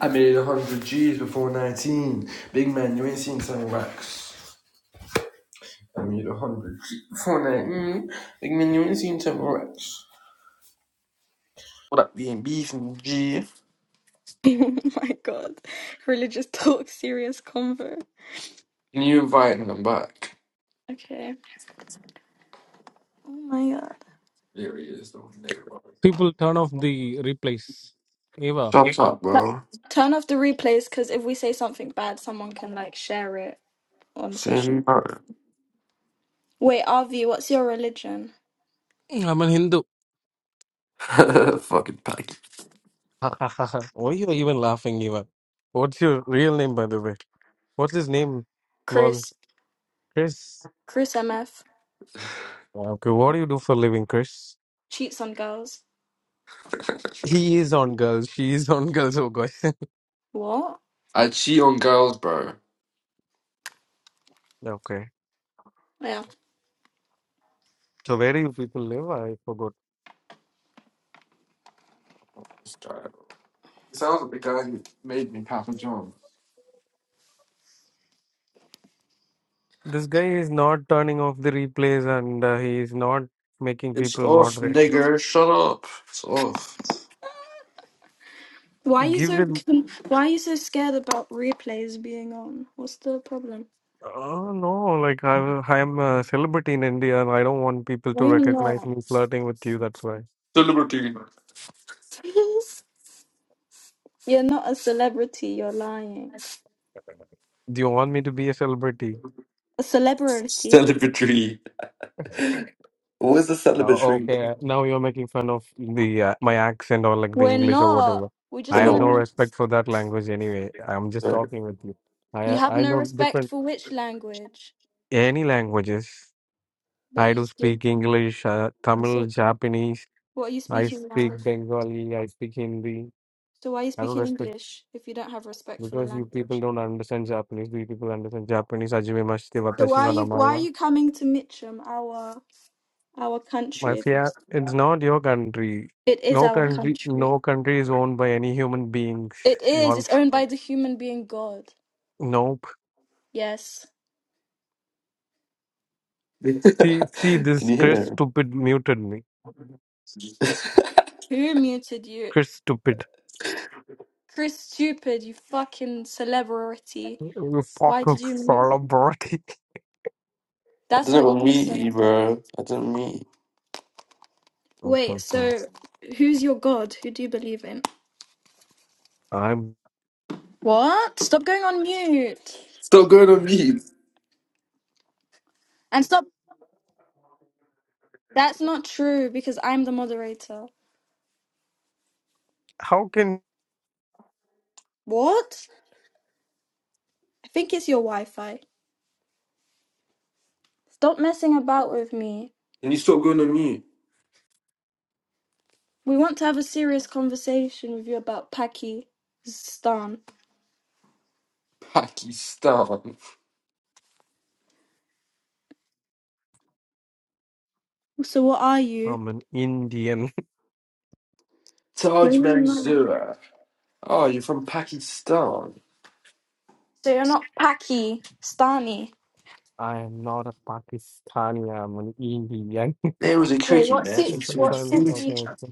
I made 100 G's before 19. Big man, you ain't seen 10 racks. I made 100 G's before 19. Big man, you ain't seen 10 racks. What up, B&B from G? Oh my god. Religious talk, serious convo. Can you invite them back? Okay. Oh my god. There he is, though. Nigga, bro. People turn off the replays. Eva, Shut up, But bro. turn off the replays because if we say something bad, someone can like share it on social. Saying no. Wait, RV, what's your religion? I'm a Hindu. Fucking packy. Ha, ha, ha, ha. Why are you even laughing, Eva? What's your real name, by the way? What's his name? Well, Chris. Chris. Chris MF Okay, what do you do for a living, Chris? cheats on girls. He is on girls. She is on girls. Oh, gosh. What? I cheat on girls, bro. okay. Yeah. So, where do you people live? I forgot. It's alright. It It sounds like the guy who made me Papa John. This guy is not turning off the replays and uh, he is not making It's people off, moderate. nigger. Shut up. It's off. Why are you Give so it. con- Why are you so scared about replays being on? What's the problem? Uh, no, like I, I'm a celebrity in India, and I don't want people to Why you're recognize not? me flirting with you. That's why. Celebrity. you're not a celebrity. You're lying. Do you want me to be a celebrity? A celebrity. Celebrity. Uh, What is the celebratory? okay, now you're making fun of the uh, my accent or like the We're English or not. whatever. We Oh, I just have want to no no, know. respect for that language anyway. I'm just sorry. talking with you. You I have I no know respect different for which language, any languages. but I you do still. speak English, uh, Tamil, So, Japanese. what are you I speaking now? speak Bengali. I speak Hindi. So, why are you I don't speaking respect. English if you don't have respect for the Because you people language? don't understand Japanese. Do you people understand Japanese? Ajimemashite So, watashi why are wa you namae why are wa. you coming to Mitcham, our our country? If Mafia, it's, it's not your country. it is No our country, country, no country is owned by any human beings. it is. No, It's owned by the human being God. nope. Yes. Can See, see this you Chris hear? stupid muted me. I Who muted you, Chris stupid. Chris? Stupid, you fucking celebrity. You Why fucking did you mute? celebrity. That's didn't what go you mute said. you, bro. I didn't mute. Wait, so who's your God? Who do you believe in? I'm. What? Stop going on mute. Stop going on mute. And stop. That's not true because I'm the moderator. How can What? I think it's your Wi Fi. Stop messing about with me. Can you stop going on mute? We want to have a serious conversation with you about Pakistan. Pakistan. So, what are you? I'm an Indian? No, Taj no, no. Mansour. Oh, you're from Pakistan. So, you're not Pakistani. I am not a Pakistani. I'm an Indian. There was a Wait, cricket what match city? It's a What between fun England and city? fucking.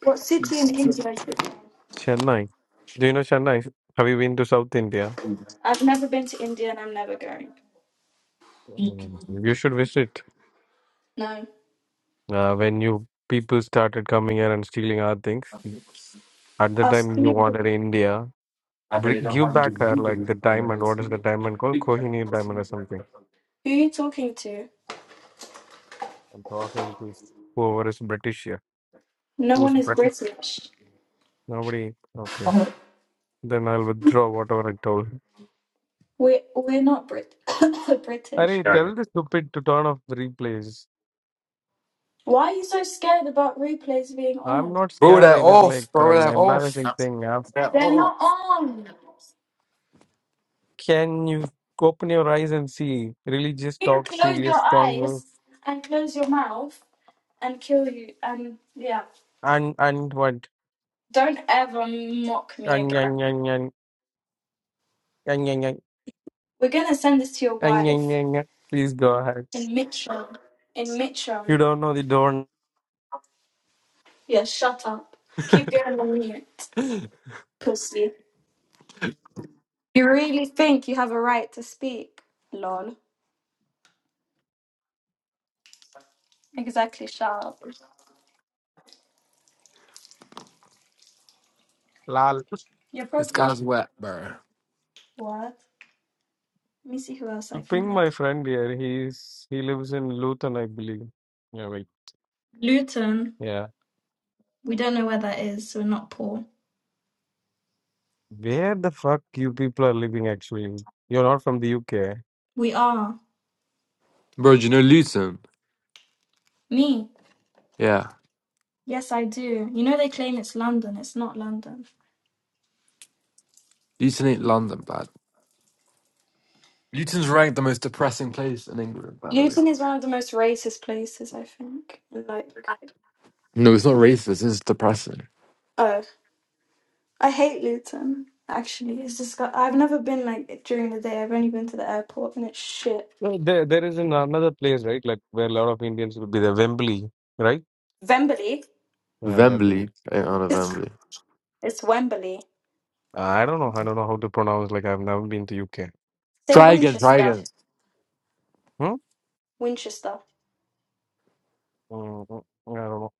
What city in Pakistan. India? is it? Chennai. Do you know Chennai? Have you been to South India? I've never been to India and I'm never going. Mm, You should visit. No. Uh, when you people started coming here and stealing our things, at the Us. time you people. wanted India. I know Br- don't give have to back her like do the diamond. What is the diamond called? it. Kohinoor diamond or something. Who are you talking to? I'm talking to whoever is British here. No Who's one is British? British. Nobody. Okay. Then I'll withdraw whatever I told. We're, we're not Brit- British. Arey, tell the stupid to turn off the replays. Why are you so scared about replays being I'm on? not Bro, scared. that It is like off. Bro, an that off. embarrassing Bro, thing. That They're off. not on. Can you open your eyes and see religious You talk, close your serious fun, no? eyes and close your mouth and kill you. And yeah, and and what? don't ever mock me And, again. and, and, and, and, and, and, We're gonna send this to your and, and, wife and, and. Please go ahead. in Mitcham. In You Mitcham. don't know the don Yeah, shut up. Keep going on mute, pussy. You really think you have a right to speak? Lol. Exactly, sharp. lal. You're This probably right. guy's wet, bro. What? Let me see who else I can Ping add. my friend here. He's he lives in Luton, I believe. Yeah, wait. Luton. Yeah. We don't know where that is, so we're not poor. Where the fuck you people are living actually? You're not from the UK. We are. Bro, do you know Luton? Me. Yeah. Yes, I do. You know they claim it's London. It's not London. Luton ain't London, bad. Luton's ranked the most depressing place in England, by the way. Luton is one of the most racist places, I think. Like, No, it's not racist, it's depressing. oh, I hate Luton. Actually, it's just got, I've never been like during the day. I've only been to the airport, and it's shit. No, there there is an- another place, right? Like where a lot of Indians will be there. Wembley, right? Wembley. Yeah, Wembley. Wembley. Ain't on a It's Wembley. it's Wembley. I don't know. I don't know how to pronounce. Like I've never been to UK. Say Try again, try Winchester. again. Hmm? Winchester. Mm, mm, I don't know.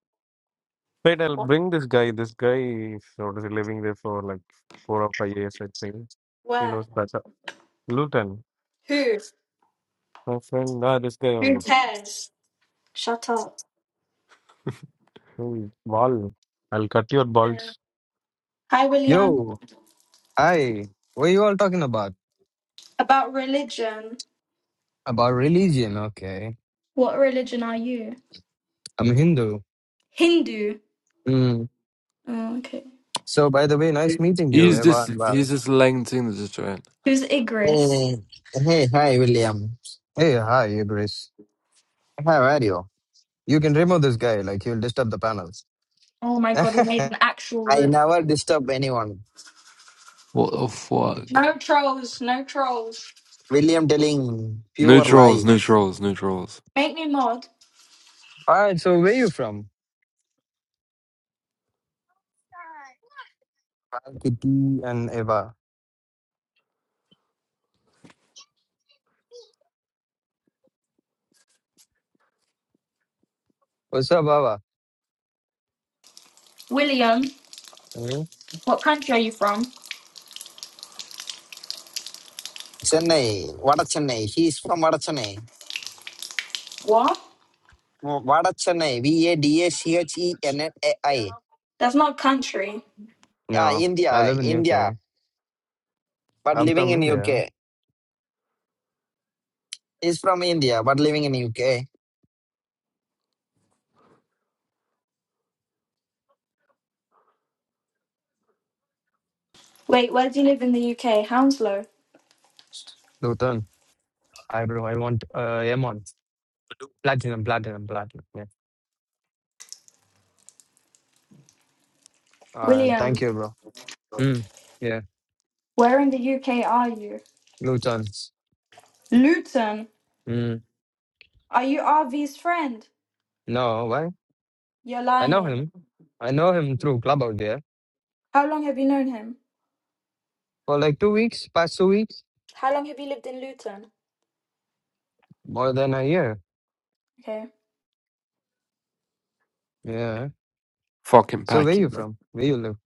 Wait, I'll What? bring this guy. This guy is what is he living there for like four or five years, I think. He Where? knows better. Luton, Who? my friend. Ah, this guy Who only. cares? Shut up. Hey, Ball. I'll cut your balls. Hi, William. Yo, hi. What are you all talking about? About religion. About religion, okay. What religion are you? I'm Hindu. Hindu. Mm. Oh, okay. So, by the way, nice meeting you, He's Eva just and Val. he's just laying lengthening the joint. Who's Igris? Hey, hey, hi, William. Hey, hi, Ibris. How are you? You can remove this guy, like, he'll disturb the panel. Oh my god, we made an actual I room. never disturb anyone. What the fuck? No trolls, no trolls. William telling No pure trolls, lie. no trolls, no trolls. Make me mod. Alright, so where you from? Val, Kitty, and Eva. What's up, Ava? William, Hmm? what country are you from? Chennai, Vadachennai. He is from Vadachennai. What? Vadachennai, V-A-D-A-C-H-E-N-N-A-I. V A D A C H E N N A I. That's not country. Yeah, No, I India, live in India, UK. but I'm living from in India. UK. He's from India, but living in UK. Wait, where do you live in the UK? Hounslow. Luton. Hi, bro. I want uh, Amon. Platinum, platinum, platinum. Yeah. Uh, William, thank you, bro. Mm. where in the UK are you? Luton. Luton. Mm, Are you RV's friend? no, why? You're I know lying. him. I know him through club out there How long have you known him? for like two weeks, past two weeks, How long have you lived in Luton? more than a year. Okay. Yeah. Fucking So where packy, you bro. from? Where you live?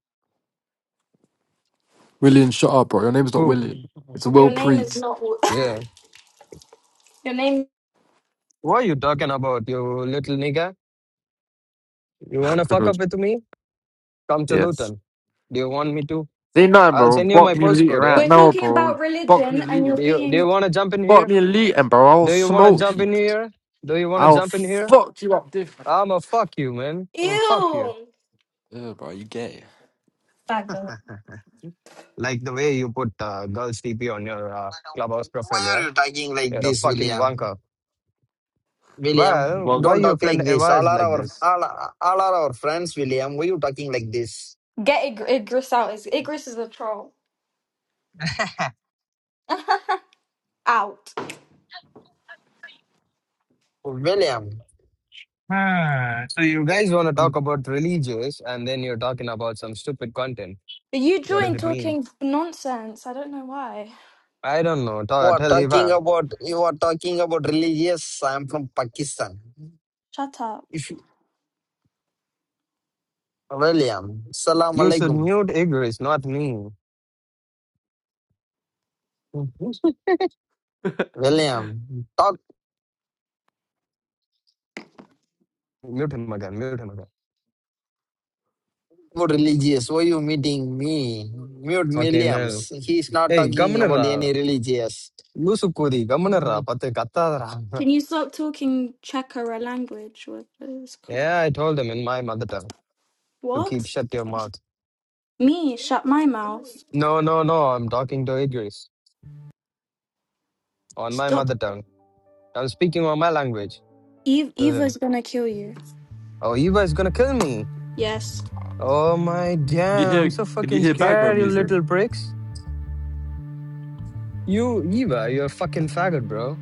William, shut up, bro. Your name's not Who? William. It's Will Your name is Preet. not. Yeah. Your name. What are you talking about, you little nigga? You wanna fuck up with me? Come to yes. Luton. Do you want me to? See, no, I'll bro. send you my Fuck me elite postcode, right yeah? We're now, talking bro. about Fuck me religion, and you're elite. Do you do you being. wanna jump in Fuck here? me elite, and bro, I'll Do you wanna smoke jump you. in here? Do you wanna I'll jump in here? fuck you up different. I'ma fuck you, man. I'ma fuck you. Ew. Yeah, bro, you gay. Faggot. Like the way you put uh, girls TP on your uh, clubhouse profile, Why are yeah? you talking like You're a this, fucking William? wanker. William, Well, why don't Can your talk friend like this. Eva All is are like our this? all, are- all are our friends, William. Why you talking like this? Get Ig- Igris out. Is Igris is a troll. Out. William. Hmm. So you guys want to talk about religious and then you're talking about some stupid content. But you What does joined it mean? talking nonsense. I don't know why. I don't know. Ta- What tell talking Eva. about? You are talking about religious. I am from Pakistan. Shut up. If you- William, Salam You should Alaikum. mute Igris, not me. Mhm. William, talk Mute him again. Mute him again. about religious. Why you meeting me? Mute Fucking hell. Williams. He is not Hey, talking ಗಮನರ about any religious. ಲೂಸು ಕೂದಿ ಗಮನರ ಪತ್ತೆ ಕತ್ತಾದರ Can you stop talking Chekara language? What is Yeah, called? I told him in my mother tongue. to keep What? shut your mouth. Me? Shut my mouth. No, no, no. I'm talking to Idris on my Stop. mother tongue. I'm speaking on my language Eve. to Eva's him. gonna kill you. Oh, you guys gonna kill me? Yes. Oh my you damn! hear? I'm so Can you fucking hear background scared, you music? little bricks. You, Eva, you're a fucking faggot, bro.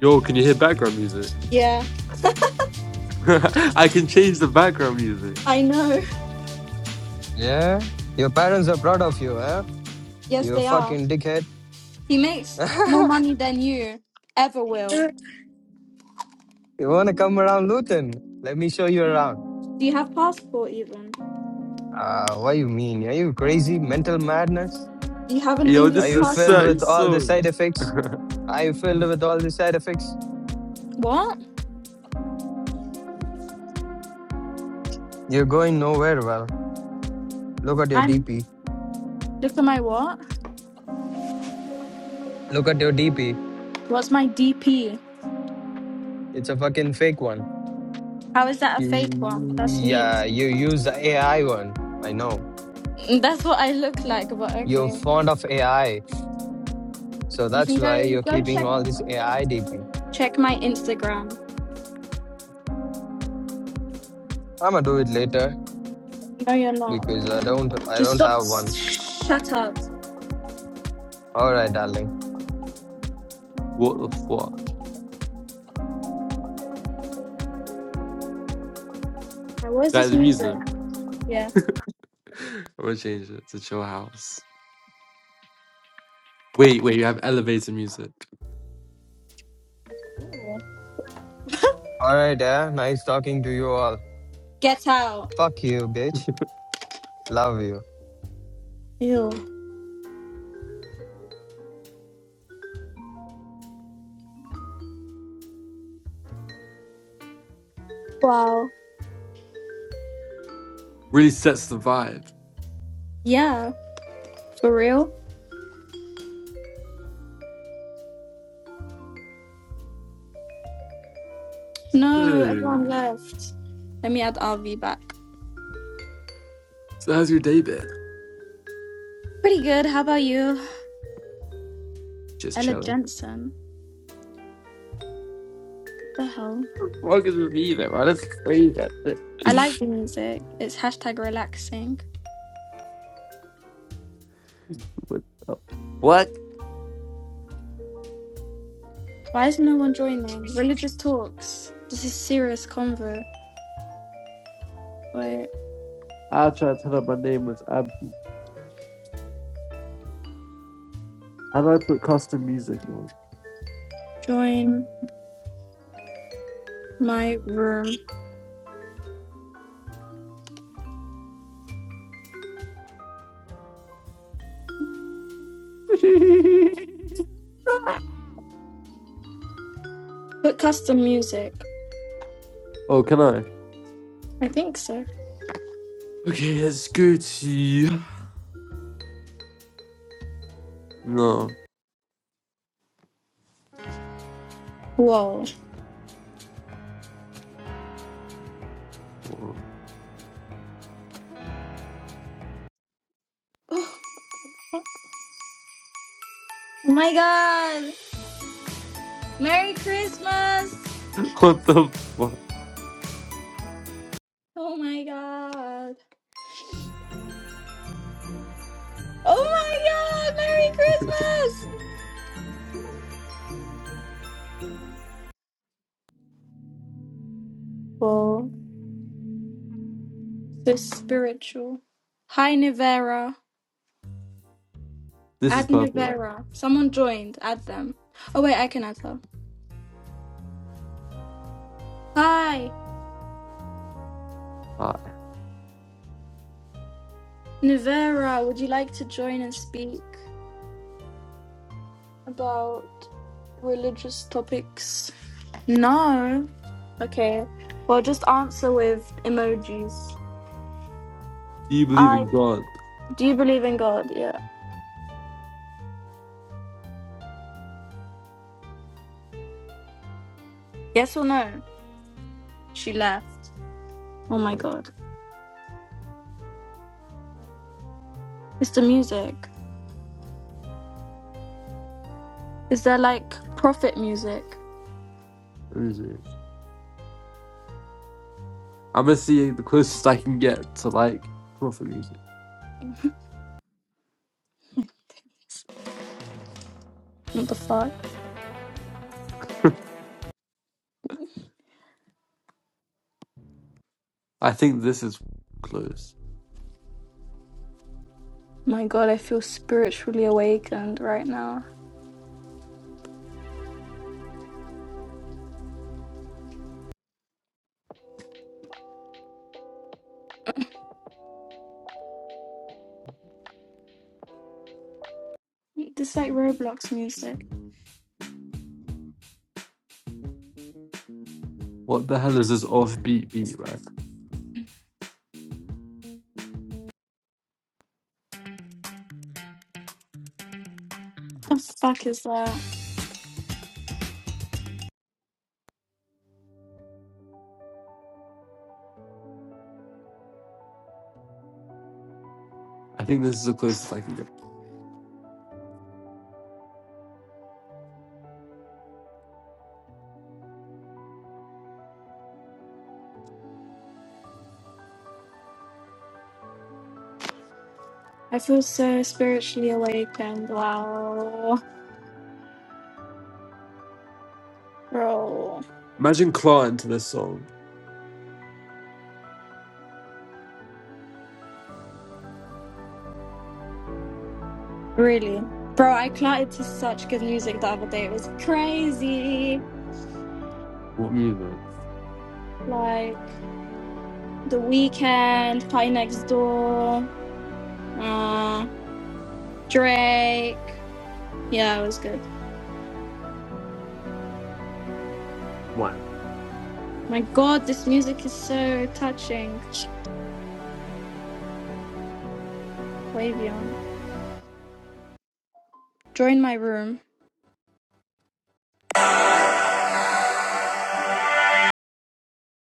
Yo, can you hear background music? Yeah. I can change the background music. I know. Yeah, your parents are proud of you, huh? Yes, You a they are. fucking dickhead. He makes more money than you ever will. you wanna come around Luton? Let me show you around. Do you have passport even? Ah, what you mean? Are you crazy? Mental madness? Do you have an Yo, Are English this you is a filled passport? certain with all the side song. effects? I filled with all the side effects. What? You're going nowhere. Well, look at your I'm DP. look at my what? Look at your DP. What's my DP? It's a fucking fake one. How is that a fake one? You, That's me. yeah, you use the AI one. I know. That's what I look like, but You're okay. fond of AI. So You that's can why go you're go keeping check all this AI DP. check my Instagram. I'm gonna do it later No you're because not. I don't I Just don't stop have one. shut up. All right, darling. What the fuck? Now, what is That this is music? music. Yeah. I'm gonna change it to chill house. Wait, wait, you have elevator music. All right, yeah. Nice talking to you all. Get out. Fuck you, bitch. Love you. Ew. Wow. Really sets the vibe. Yeah, for real? No, everyone Dude. left. Let me add RV back. So how's your day been? Pretty good. How about you? Just Ella chilling. Jensen. What the hell? What is review it, man? That's crazy. that I like the music. It's hashtag relaxing. with What? Why is no one joining? Religious talks. This is serious convo. Wait. I'll try to tell her my name was Ab. How do I put custom music on? Join my room. Put custom music. Oh, can I? I think so. Okay, that's good. go to. you. No. Whoa. Oh my god. Merry Christmas. what the fuck? Oh my god. Oh my god. Merry Christmas. Whoa. The spiritual. Hi, Nivera. This is Add perfect. Nivera. Someone joined. Add them. Oh, wait, I can add her. Hi, Uh, Nivera. Would you like to join and speak about religious topics? No. Okay. Well, just answer with emojis. do you believe I. in God? Do you believe in God? Yeah. Yes or no? She left. Oh my God. It's the music. Is there like prophet music? Music. I'm gonna see the closest I can get to like proper music. what the fuck? I think this is close. My God, I feel spiritually awakened right now. This is like Roblox music. What the hell is this offbeat beat, right? What the fuck is that? I think this is the closest I can get. I feel so spiritually awakened. Wow. Bro. Imagine Clark into this song. Really? Bro, I clattered to such good music the other day. It was crazy. What music? Like The Weekend, Party Next Door, uh, Drake. Yeah, it was good. One. My God, this music is so touching. Wavion. Join my room.